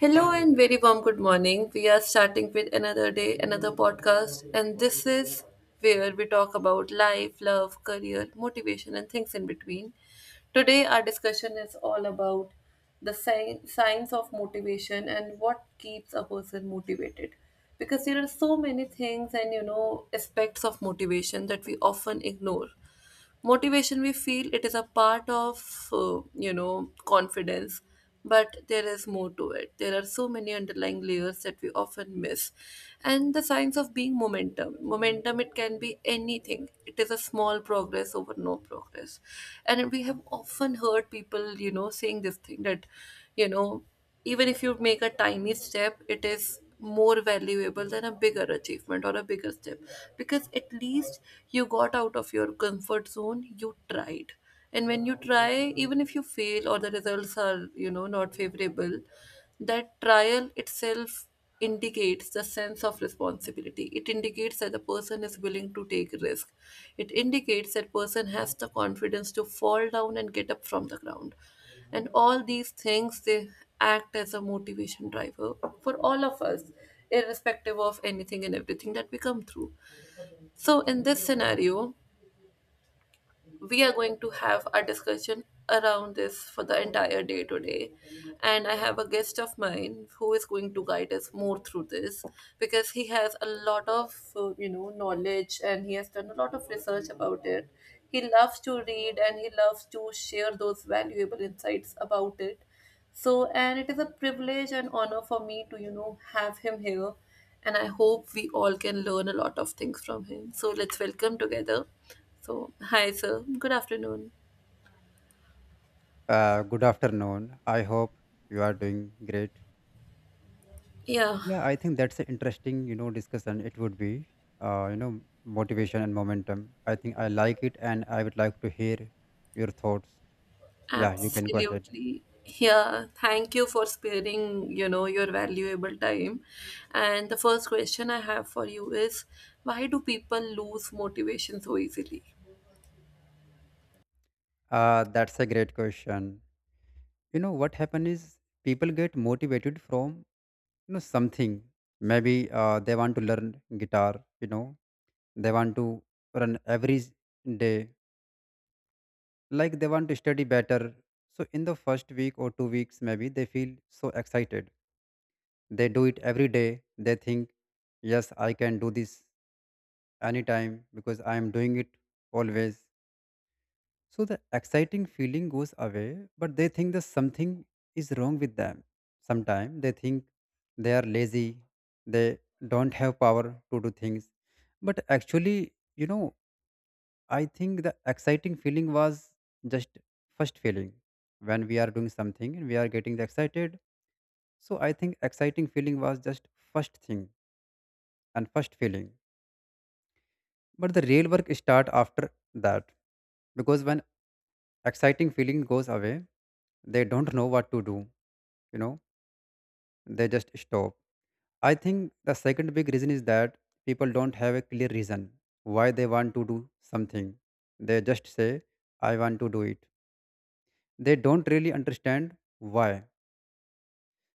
Hello and very warm good morning. We are starting with another day, another podcast, and this is where we talk about life, love, career, motivation, and things in between. Today, our discussion is all about the signs of motivation and what keeps a person motivated. Because there are so many things and aspects of motivation that we often ignore. Motivation, we feel it is a part of confidence, but there is more to it. There are so many underlying layers that we often miss, and the science of being momentum, it can be anything. It is a small progress over no progress. And we have often heard people saying this thing that, you know even if you make a tiny step, it is more valuable than a bigger achievement or a bigger step, because at least you got out of your comfort zone, you tried. And when you try, even if you fail or the results are, not favorable, that trial itself indicates the sense of responsibility. It indicates that the person is willing to take risk. It indicates that person has the confidence to fall down and get up from the ground, and all these things, they act as a motivation driver for all of us, irrespective of anything and everything that we come through. So in this scenario, we are going to have a discussion around this for the entire day today. And I have a guest of mine who is going to guide us more through this, because he has a lot of, knowledge, and he has done a lot of research about it. He loves to read and he loves to share those valuable insights about it. So, and it is a privilege and honor for me to, have him here. And I hope we all can learn a lot of things from him. So, let's welcome together. So, hi, sir. Good afternoon. Good afternoon. I hope you are doing great. Yeah, Yeah, I think that's an interesting, you know, discussion. It would be, you know, motivation and momentum. I think I like it, and I would like to hear your thoughts. Yeah, you can go ahead. absolutely. Yeah, thank you for sparing, your valuable time. And the first question I have for you is, why do people lose motivation so easily? That's a great question. You know, what happens is people get motivated from, you know, something. Maybe they want to learn guitar. You know, they want to run every day, like they want to study better. So in the first week or 2 weeks, maybe they feel so excited. They do it every day. They think, yes, I can do this anytime because I am doing it always. So the exciting feeling goes away, but they think that something is wrong with them. Sometimes they think they are lazy, they don't have power to do things. But actually, you know, I think the exciting feeling was just first feeling when we are doing something and we are getting the excited. So I think exciting feeling was just first thing and first feeling. But the real work start after that, because when exciting feeling goes away, they don't know what to do. You know, they just stop. I think the second big reason is that people don't have a clear reason why they want to do something. They just say, "I want to do it." They don't really understand why.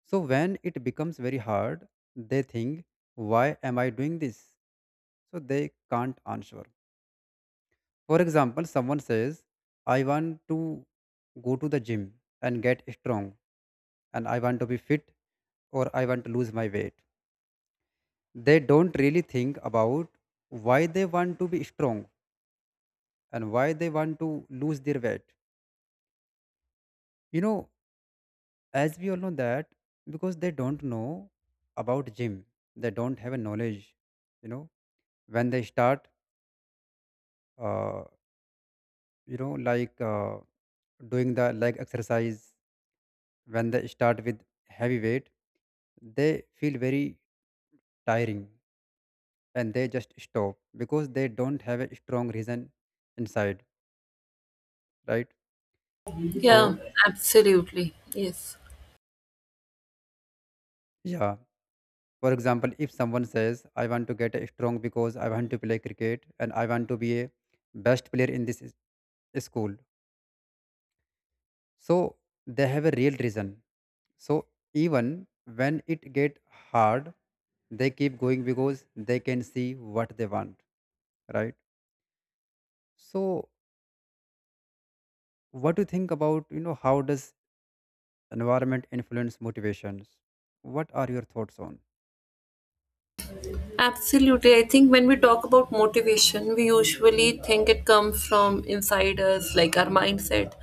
So when it becomes very hard, they think, why am I doing this? So they can't answer. For example, someone says, I want to go to the gym and get strong, and I want to be fit, or I want to lose my weight. They don't really think about why they want to be strong and why they want to lose their weight. You know, as we all know that, because they don't know about gym, they don't have a knowledge. You know, when they start, uh, you know, like, doing the leg exercise, when they start with heavy weight, they feel very tiring and they just stop because they don't have a strong reason inside, right? So Yeah, absolutely. Yes. yeah, for example, if someone says, I want to get a strong because I want to play cricket and I want to be a best player in school, so they have a real reason. So even when it get hard, they keep going because they can see what they want, right? So what do you think about, you know, how does environment influence motivations? What are your thoughts on? Absolutely. I think when we talk about motivation, we usually think it comes from inside us, like our mindset,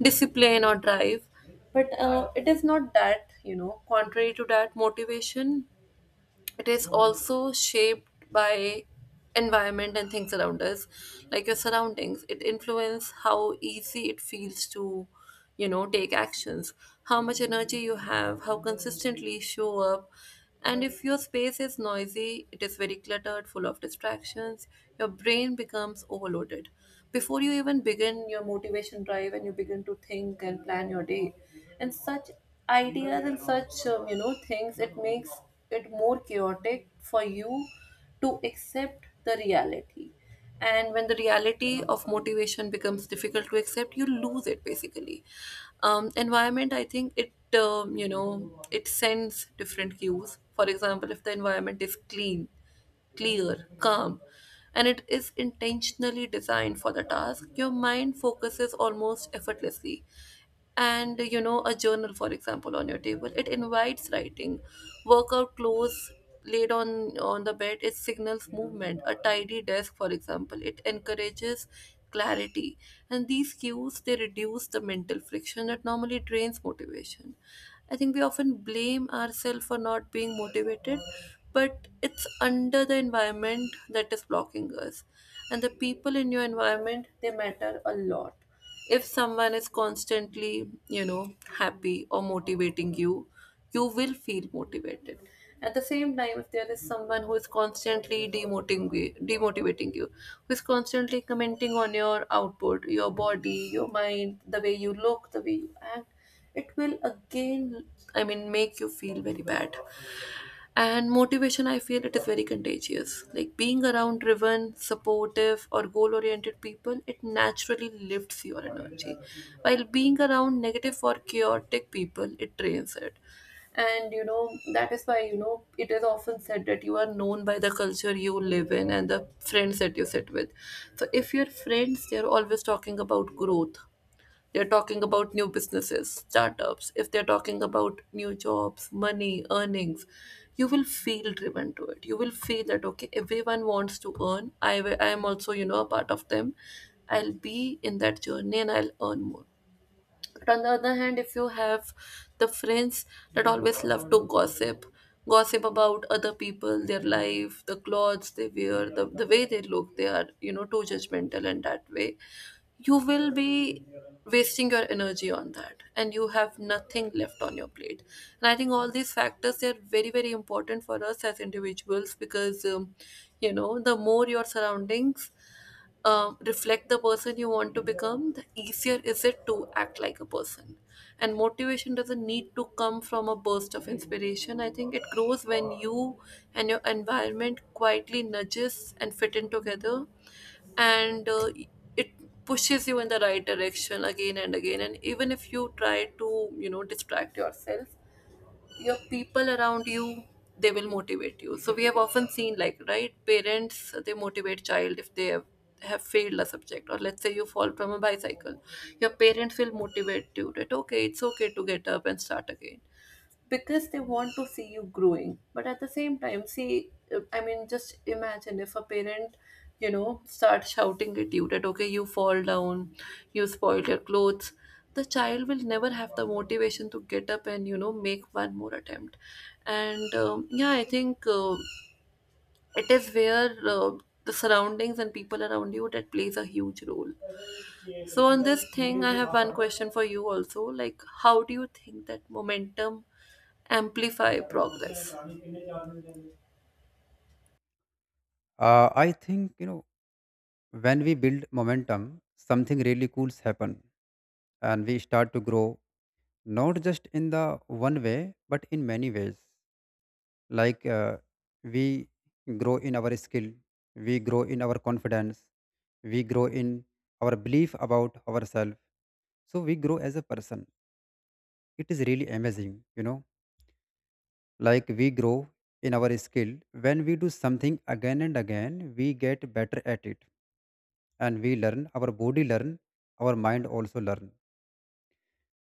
discipline, or drive. But it is not that. You know, contrary to that, motivation, it is also shaped by environment and things around us. Like your surroundings, it influence how easy it feels to, take actions, how much energy you have, how consistently show up. And if your space is noisy, it is very cluttered, full of distractions, your brain becomes overloaded before you even begin your motivation drive, and you begin to think and plan your day. And such ideas and such things, it makes it more chaotic for you to accept the reality. And when the reality of motivation becomes difficult to accept, you lose it basically. Environment, I think it, it sends different cues. For example, if the environment is clean, clear, calm, and it is intentionally designed for the task, your mind focuses almost effortlessly. And you know, a journal, for example, on your table, it invites writing. Workout clothes laid on the bed, it signals movement. A tidy desk, for example, it encourages clarity. And these cues, they reduce the mental friction that normally drains motivation. I think we often blame ourselves for not being motivated, but it's under the environment that is blocking us. And the people in your environment, they matter a lot. If someone is constantly, happy or motivating you, you will feel motivated. At the same time, if there is someone who is constantly demotivating you, who is constantly commenting on your output, your body, your mind, the way you look, the way you act, it will again, I mean, make you feel very bad. And motivation, I feel it is very contagious. Like being around driven, supportive, or goal oriented people, it naturally lifts your energy. While being around negative or chaotic people, it drains it. And you know, that is why, it is often said that you are known by the culture you live in and the friends that you sit with. So if your friends, they're always talking about growth, they're talking about new businesses, startups. If they're talking about new jobs, money, earnings, you will feel driven to it. You will feel that, okay, everyone wants to earn. I am also, a part of them. I'll be in that journey and I'll earn more. But on the other hand, if you have the friends that always love to gossip, gossip about other people, their life, the clothes they wear, the way they look, they are, too judgmental in that way, you will be wasting your energy on that and you have nothing left on your plate. And I think all these factors, they are very, very important for us as individuals because, the more your surroundings, reflect the person you want to become, the easier is it to act like a person. And motivation doesn't need to come from a burst of inspiration. I think it grows when you and your environment quietly nudges and fit in together, and it pushes you in the right direction again and again. And even if you try to, distract yourself, your people around you, they will motivate you. So we have often seen like, right, parents, they motivate child if they have failed a subject, or let's say you fall from a bicycle, your parents will motivate you that, okay, it's okay to get up and start again, because they want to see you growing. But at the same time, see, I mean, just imagine if a parent, start shouting at you that, okay, you fall down, you spoil your clothes, the child will never have the motivation to get up and, make one more attempt. And yeah, I think it is where the surroundings and people around you that plays a huge role. So on this thing, I have one question for you also, like, how do you think that momentum amplify progress. I think, you know, when we build momentum, something really cool's happen and we start to grow, not just in the one way but in many ways. Like, we grow in our skill, we grow in our confidence, we grow in our belief about ourselves, so we grow as a person. It is really amazing, you know. Like, we grow in our skill. When we do something again and again, we get better at it, and we learn, our body learn, our mind also learn.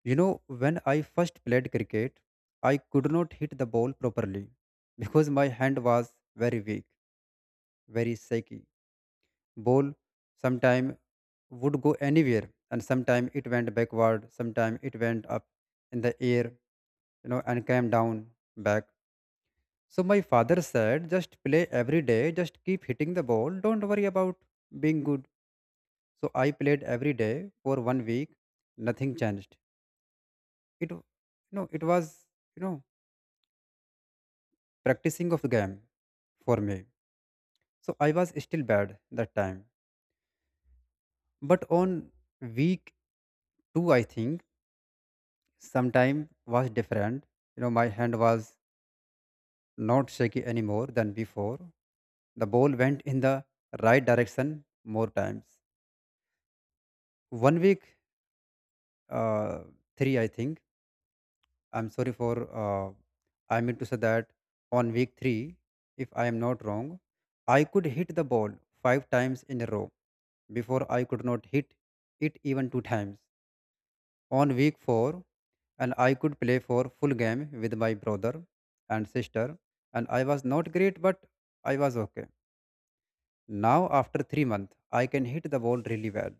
You know, when I first played cricket, I could not hit the ball properly because my hand was very weak, very shaky. Ball sometime would go anywhere, and sometime it went backward, sometime it went up in the air, you know, and came down back. So my father said, just play every day, just keep hitting the ball, don't worry about being good. So I played every day for 1 week, nothing changed. It, you know, it was, you know, practicing of the game for me. So I was still bad that time. But on week 2, I think sometime was different. You know, my hand was not shaky anymore than before. The ball went in the right direction more times. 1 week, uh, three, I think. I'm sorry for, I mean to say that on week 3, if I am not wrong, I could hit the ball 5 times in a row. Before I could not hit it even 2 times. On week 4, and I could play for full game with my brother and sister, and I was not great but I was okay. Now after 3 months I can hit the ball really well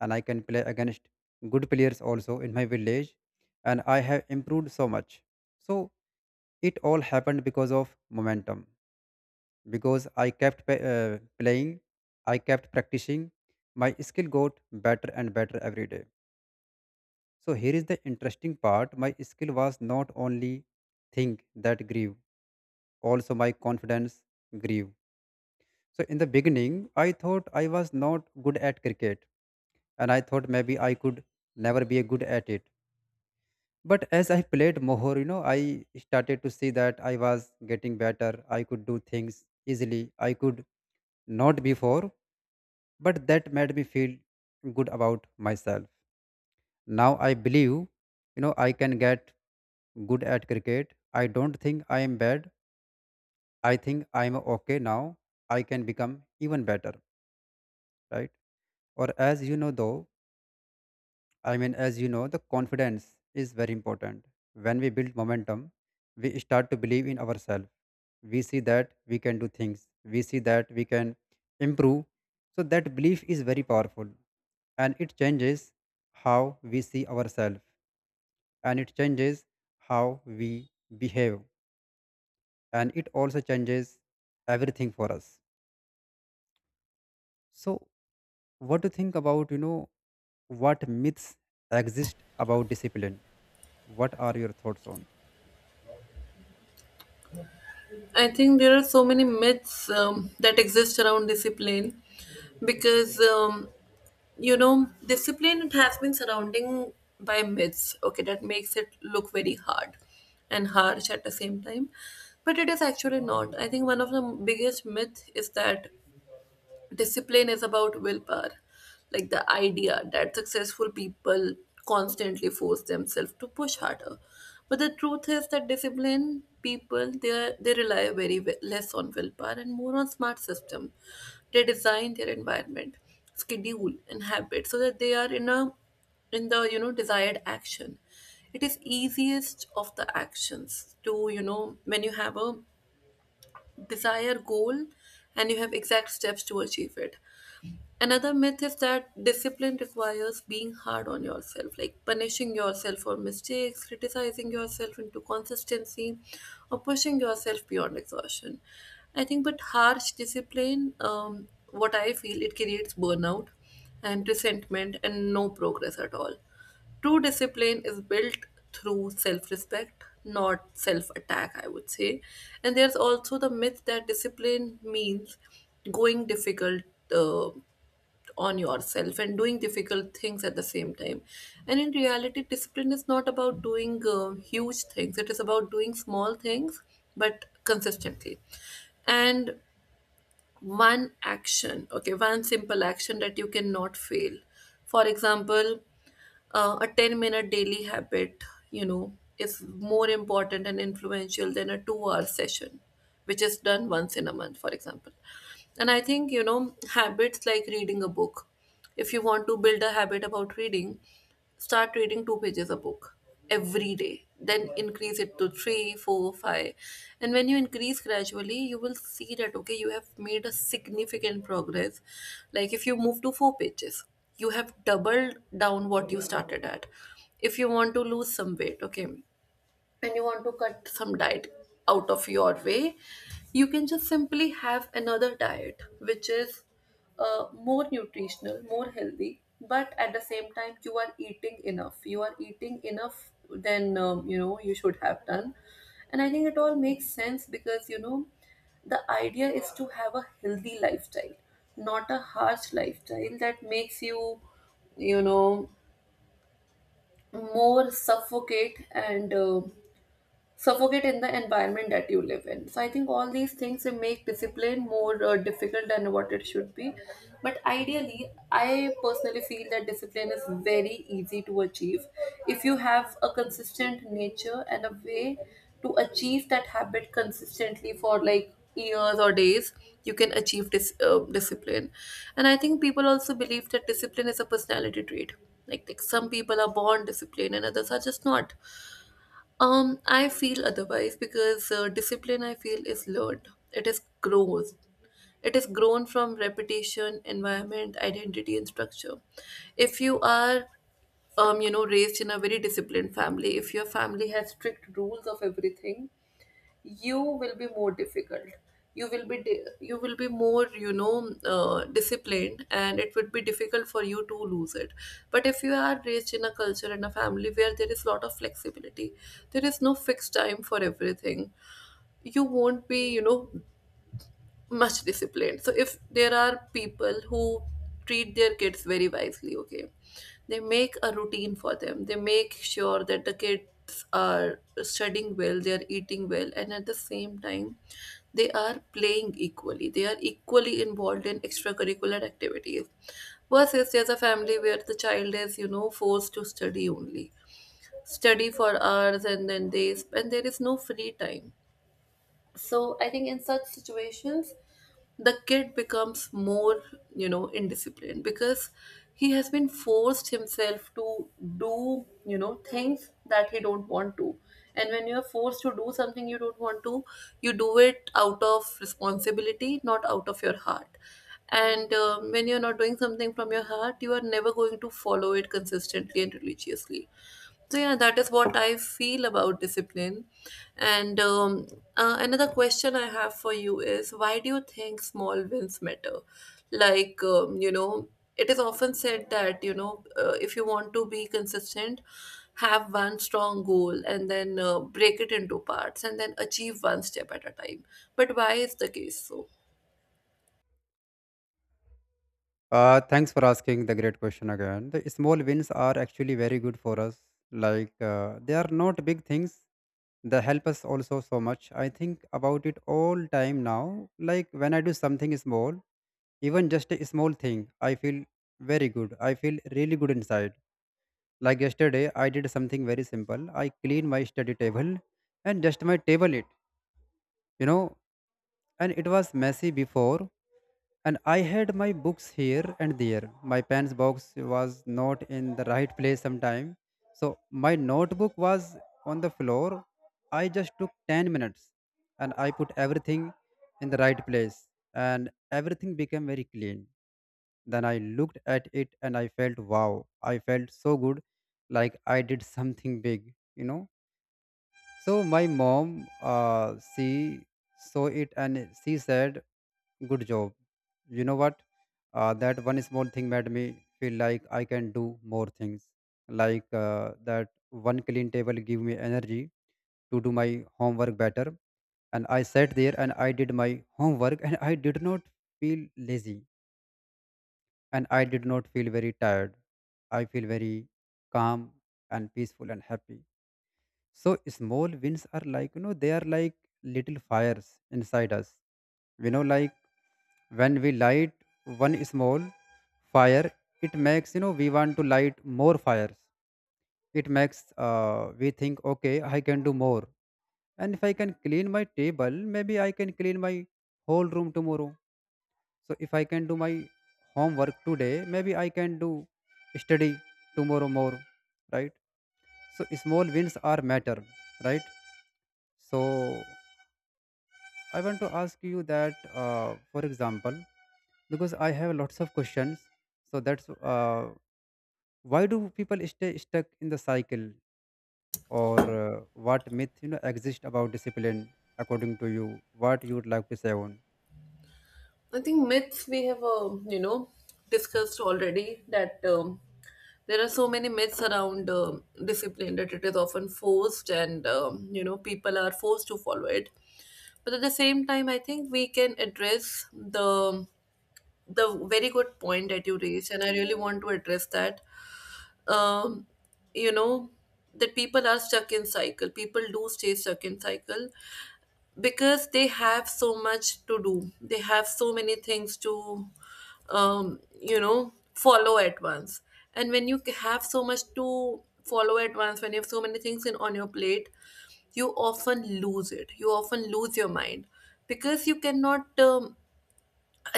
and I can play against good players also in my village, and I have improved so much. So it all happened because of momentum, because I kept playing, I kept practicing. My skill got better and better every day. So here is the interesting part. My skill was not only thing that grew, also my confidence grew. So in the beginning, I thought I was not good at cricket, and I thought maybe I could never be good at it. But as I played more, you know, I started to see that I was getting better. I could do things easily I could not before, but that made me feel good about myself. Now I believe, you know, I can get good at cricket. I don't think I am bad. I think I am okay now. I can become even better, right? Or as you know, though, I mean, as you know, the confidence is very important. When we build momentum, we start to believe in ourselves. We see that we can do things, we see that we can improve. So that belief is very powerful, and it changes how we see ourselves, and it changes how we behave, and it also changes everything for us. So what do you think about, you know, what myths exist about discipline? What are your thoughts on? I think there are so many myths that exist around discipline, because, you know, discipline, it has been surrounding by myths. Okay, that makes it look very hard and harsh at the same time, but it is actually not. I think one of the biggest myth is that discipline is about willpower, like the idea that successful people constantly force themselves to push harder. But the truth is that disciplined people, they rely very less on willpower and more on smart system. They design their environment, schedule and habit so that they are in a, in the, desired action. It is easiest of the actions to, when you have a desired goal and you have exact steps to achieve it. Another myth is that discipline requires being hard on yourself, like punishing yourself for mistakes, criticizing yourself into consistency, or pushing yourself beyond exhaustion. I think, but harsh discipline, what I feel, it creates burnout and resentment and no progress at all. True discipline is built through self respect, not self attack, I would say. And there's also the myth that discipline means going difficult. Uh, on yourself and doing difficult things at the same time. And in reality, discipline is not about doing huge things, it is about doing small things but consistently. And one action, okay, one simple action that you cannot fail. For example, a 10-minute daily habit, you know, is more important and influential than a 2 hour session, which is done once in a month, for example. And I think, you know, habits like reading a book, if you want to build a habit about reading, start reading two pages a book every day. Then increase it to three, four, five. And when you increase gradually, you will see that, okay, you have made a significant progress. Like if you move to four pages, you have doubled down what you started at. If you want to lose some weight, okay, and you want to cut some diet out of your way, you can just simply have another diet which is more nutritional, more healthy, but at the same time, you are eating enough. You are eating enough than you should have done. And I think it all makes sense because, you know, the idea is to have a healthy lifestyle, not a harsh lifestyle that makes you, you know more suffocate and suffocate in the environment that you live in. So I think all these things will make discipline more difficult than what it should be. But ideally, I personally feel that discipline is very easy to achieve if you have a consistent nature and a way to achieve that habit consistently for like years or days, you can achieve this discipline. And I think people also believe that discipline is a personality trait, like some people are born disciplined and others are just not. I feel otherwise because discipline, I feel, is learned. It is grows. It is grown from repetition, environment, identity, and structure. If you are, you know, raised in a very disciplined family, if your family has strict rules of everything, you will be more difficult, you will be you will be more, you know, disciplined, and it would be difficult for you to lose it. But if you are raised in a culture and a family where there is a lot of flexibility, there is no fixed time for everything, you won't be, you know, much disciplined. So if there are people who treat their kids very wisely, okay, they make a routine for them. They make sure that the kids are studying well, they are eating well, and at the same time, they are playing equally. They are equally involved in extracurricular activities. Versus there's a family where the child is, you know, forced to study only, study for hours, and then they and there is no free time. So I think in such situations, the kid becomes more, you know, indisciplined, because he has been forced himself to do, you know, things that he don't want to. And when you are forced to do something you don't want to, you do it out of responsibility, not out of your heart. And when you're not doing something from your heart, you are never going to follow it consistently and religiously. So yeah, that is what I feel about discipline. And Another question I have for you is, why do you think small wins matter? Like, you know, it is often said that, you know, if you want to be consistent, have one strong goal and then break it into parts and then achieve one step at a time. But why is the case so? Thanks for asking the great question again. The small wins are actually very good for us. Like, they are not big things. They help us also so much. I think about it all time now. Like, when I do something small, even just a small thing, I feel very good. I feel really good inside. Like, yesterday, I did something very simple. I cleaned my study table and just my table it. You know, and it was messy before, and I had my books here and there. My pen's box was not in the right place sometime. So my notebook was on the floor. I just took 10 minutes and I put everything in the right place, and everything became very clean. Then I looked at it and I felt wow. I felt so good, like I did something big, you know. So my mom, she saw it and she said, "Good job." You know what? That one small thing made me feel like I can do more things. Like, that one clean table gave me energy to do my homework better. And I sat there and I did my homework, and I did not feel lazy and I did not feel very tired. I feel very calm and peaceful and happy. So small wins are like, you know, they are like little fires inside us. You know, like, when we light one small fire, it makes, you know, we want to light more fires. It makes, we think, okay, I can do more. And if I can clean my table, maybe I can clean my whole room tomorrow. So if I can do my homework today, maybe I can do study tomorrow more, right? So small wins are matter, right? So I want to ask you that, for example, because I have lots of questions. So that's, why do people stay stuck in the cycle, or what myth, you know, exist about discipline according to you? What you would like to say on? I think myths we have, you know, discussed already that, there are so many myths around discipline that it is often forced and, you know, people are forced to follow it. But at the same time, I think we can address the very good point that you raised, and I really want to address that. Um, you know, that people are stuck in cycle. People do stay stuck in cycle, because they have so much to do, they have so many things to you know, follow at once. And when you have so much to follow at once, when you have so many things in on your plate, you often lose it, you often lose your mind, because you cannot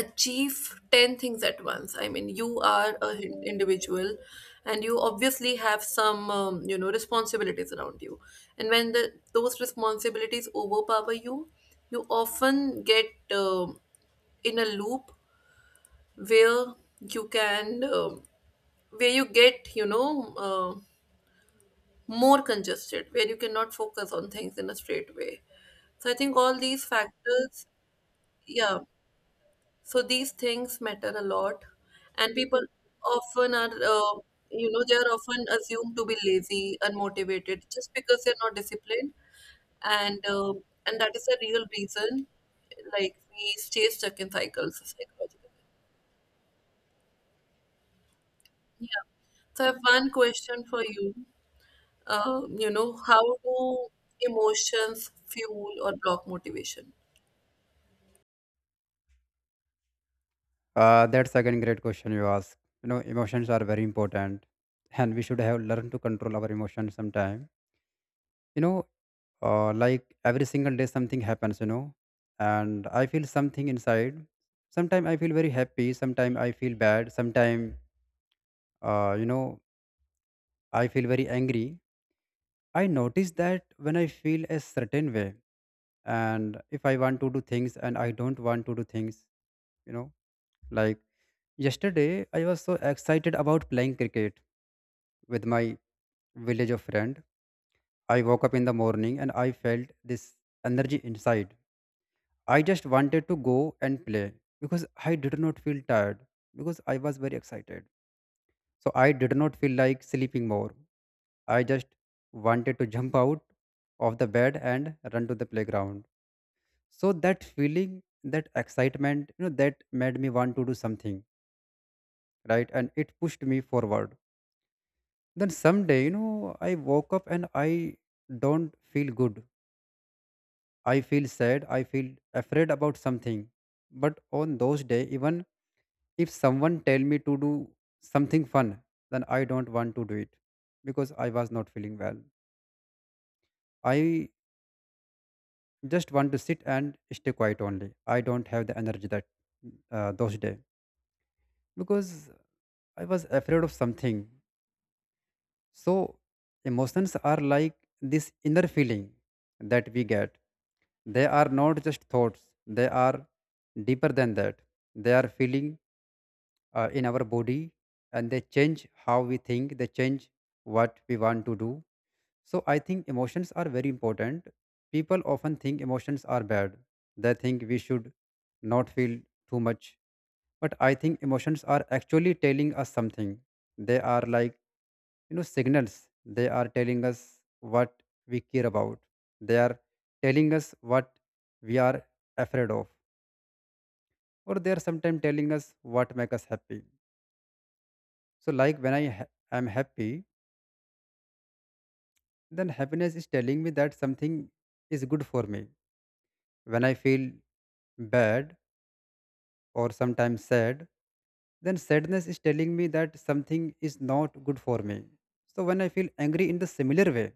achieve 10 things at once. I mean, you are a individual, and you obviously have some you know, responsibilities around you. And when those responsibilities overpower you, you often get um in a loop where you can where you get, you know, more congested, where you cannot focus on things in a straight way. So I think all these factors, yeah. So these things matter a lot, and people often are, you know, they are often assumed to be lazy, unmotivated, just because they're not disciplined, and uh, and that is a real reason. Like we stay stuck in cycles psychologically. So I have one question for you. You know, how do emotions fuel or block motivation? That's again great question you ask. You know, emotions are very important, and we should have learned to control our emotions sometime. You know, like every single day something happens, you know, and I feel something inside. Sometimes I feel very happy, sometimes I feel bad, sometimes, you know, I feel very angry. I notice that when I feel a certain way, and if I want to do things and I don't want to do things, you know, like, yesterday I was so excited about playing cricket with my village of friend. I woke up in the morning and I felt this energy inside. I just wanted to go and play because I did not feel tired, because I was very excited. So I did not feel like sleeping more. I just wanted to jump out of the bed and run to the playground. So that feeling, that excitement, you know, that made me want to do something, right? And it pushed me forward. Then someday, you know, I woke up and I don't feel good. I feel sad. I feel afraid about something. But on those days, even if someone tell me to do something fun, then I don't want to do it because I was not feeling well. I just want to sit and stay quiet only. I don't have the energy that, those day, because I was afraid of something. So emotions are like this inner feeling that we get. They are not just thoughts. They are deeper than that. They are feeling in our body, and they change how we think, they change what we want to do. So I think emotions are very important. People often think emotions are bad, they think we should not feel too much. But I think emotions are actually telling us something. They are like, you know, signals. They are telling us what we care about. They are telling us what we are afraid of, or they are sometimes telling us what make us happy. So, like, when am happy, then happiness is telling me that something is good for me. When I feel bad, or sometimes sad, then sadness is telling me that something is not good for me. So, when I feel angry in the similar way,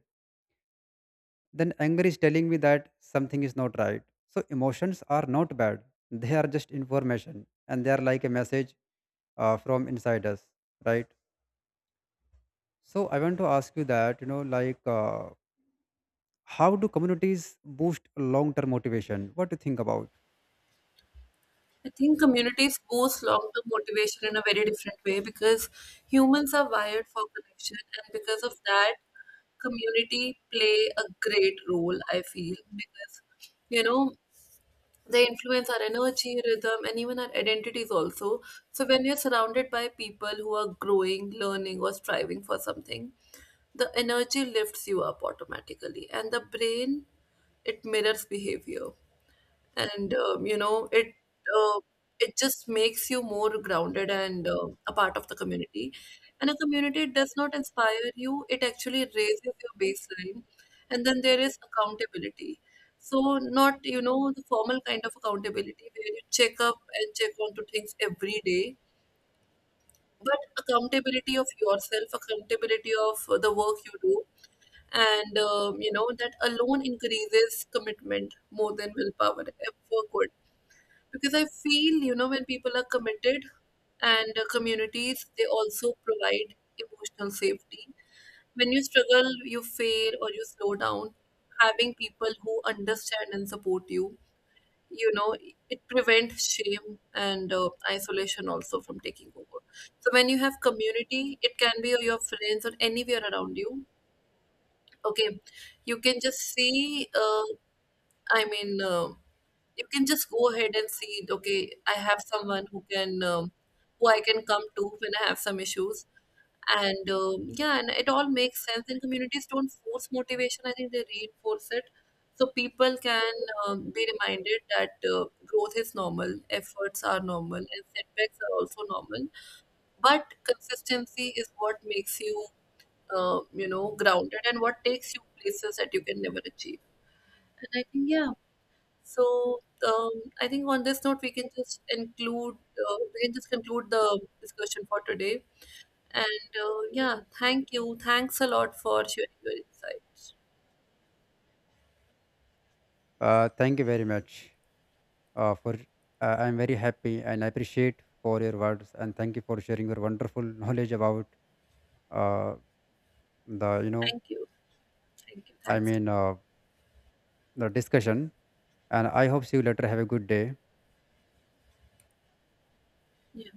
then anger is telling me that something is not right. So emotions are not bad, they are just information, and they are like a message from inside us, right? So I want to ask you that, you know, like. How do communities boost long term motivation? What do you think about? I think communities boost long term motivation in a very different way because humans are wired for connection, and because of that, community play a great role, I feel, because you know they influence our energy, rhythm, and even our identities also. So, when you're surrounded by people who are growing, learning, or striving for something, the energy lifts you up automatically, and the brain, it mirrors behavior and you know it, uh, it just makes you more grounded and a part of the community. And a community does not inspire you, it actually raises your baseline. And then there is accountability, so not, you know, the formal kind of accountability where you check up and check on to things every day, but accountability of yourself, accountability of the work you do. And you know, that alone increases commitment more than willpower ever could, because I feel, you know, when people are committed, and communities, they also provide emotional safety. When you struggle, you fail, or you slow down, having people who understand and support you, you know, it prevents shame and isolation also from taking over. So when you have community, it can be your friends or anywhere around you, okay, you can just see I mean, you can just go ahead and see. Okay, I have someone who can, who I can come to when I have some issues, and yeah, and it all makes sense. And communities don't force motivation; I think they reinforce it, so people can be reminded that growth is normal, efforts are normal, and setbacks are also normal. But consistency is what makes you, you know, grounded, and what takes you places that you can never achieve. And I think, yeah, so um, I think on this note, we can just include, we can just conclude the discussion for today. And yeah, thank you. Thanks a lot for sharing your insights. Thank you very much for. I'm very happy and I appreciate for your words, and thank you for sharing your wonderful knowledge about uh, the, you know. Thank you. Thank you. I Thanks. A lot. mean uh, the discussion. And I hope see you later. Have a good day. Yeah.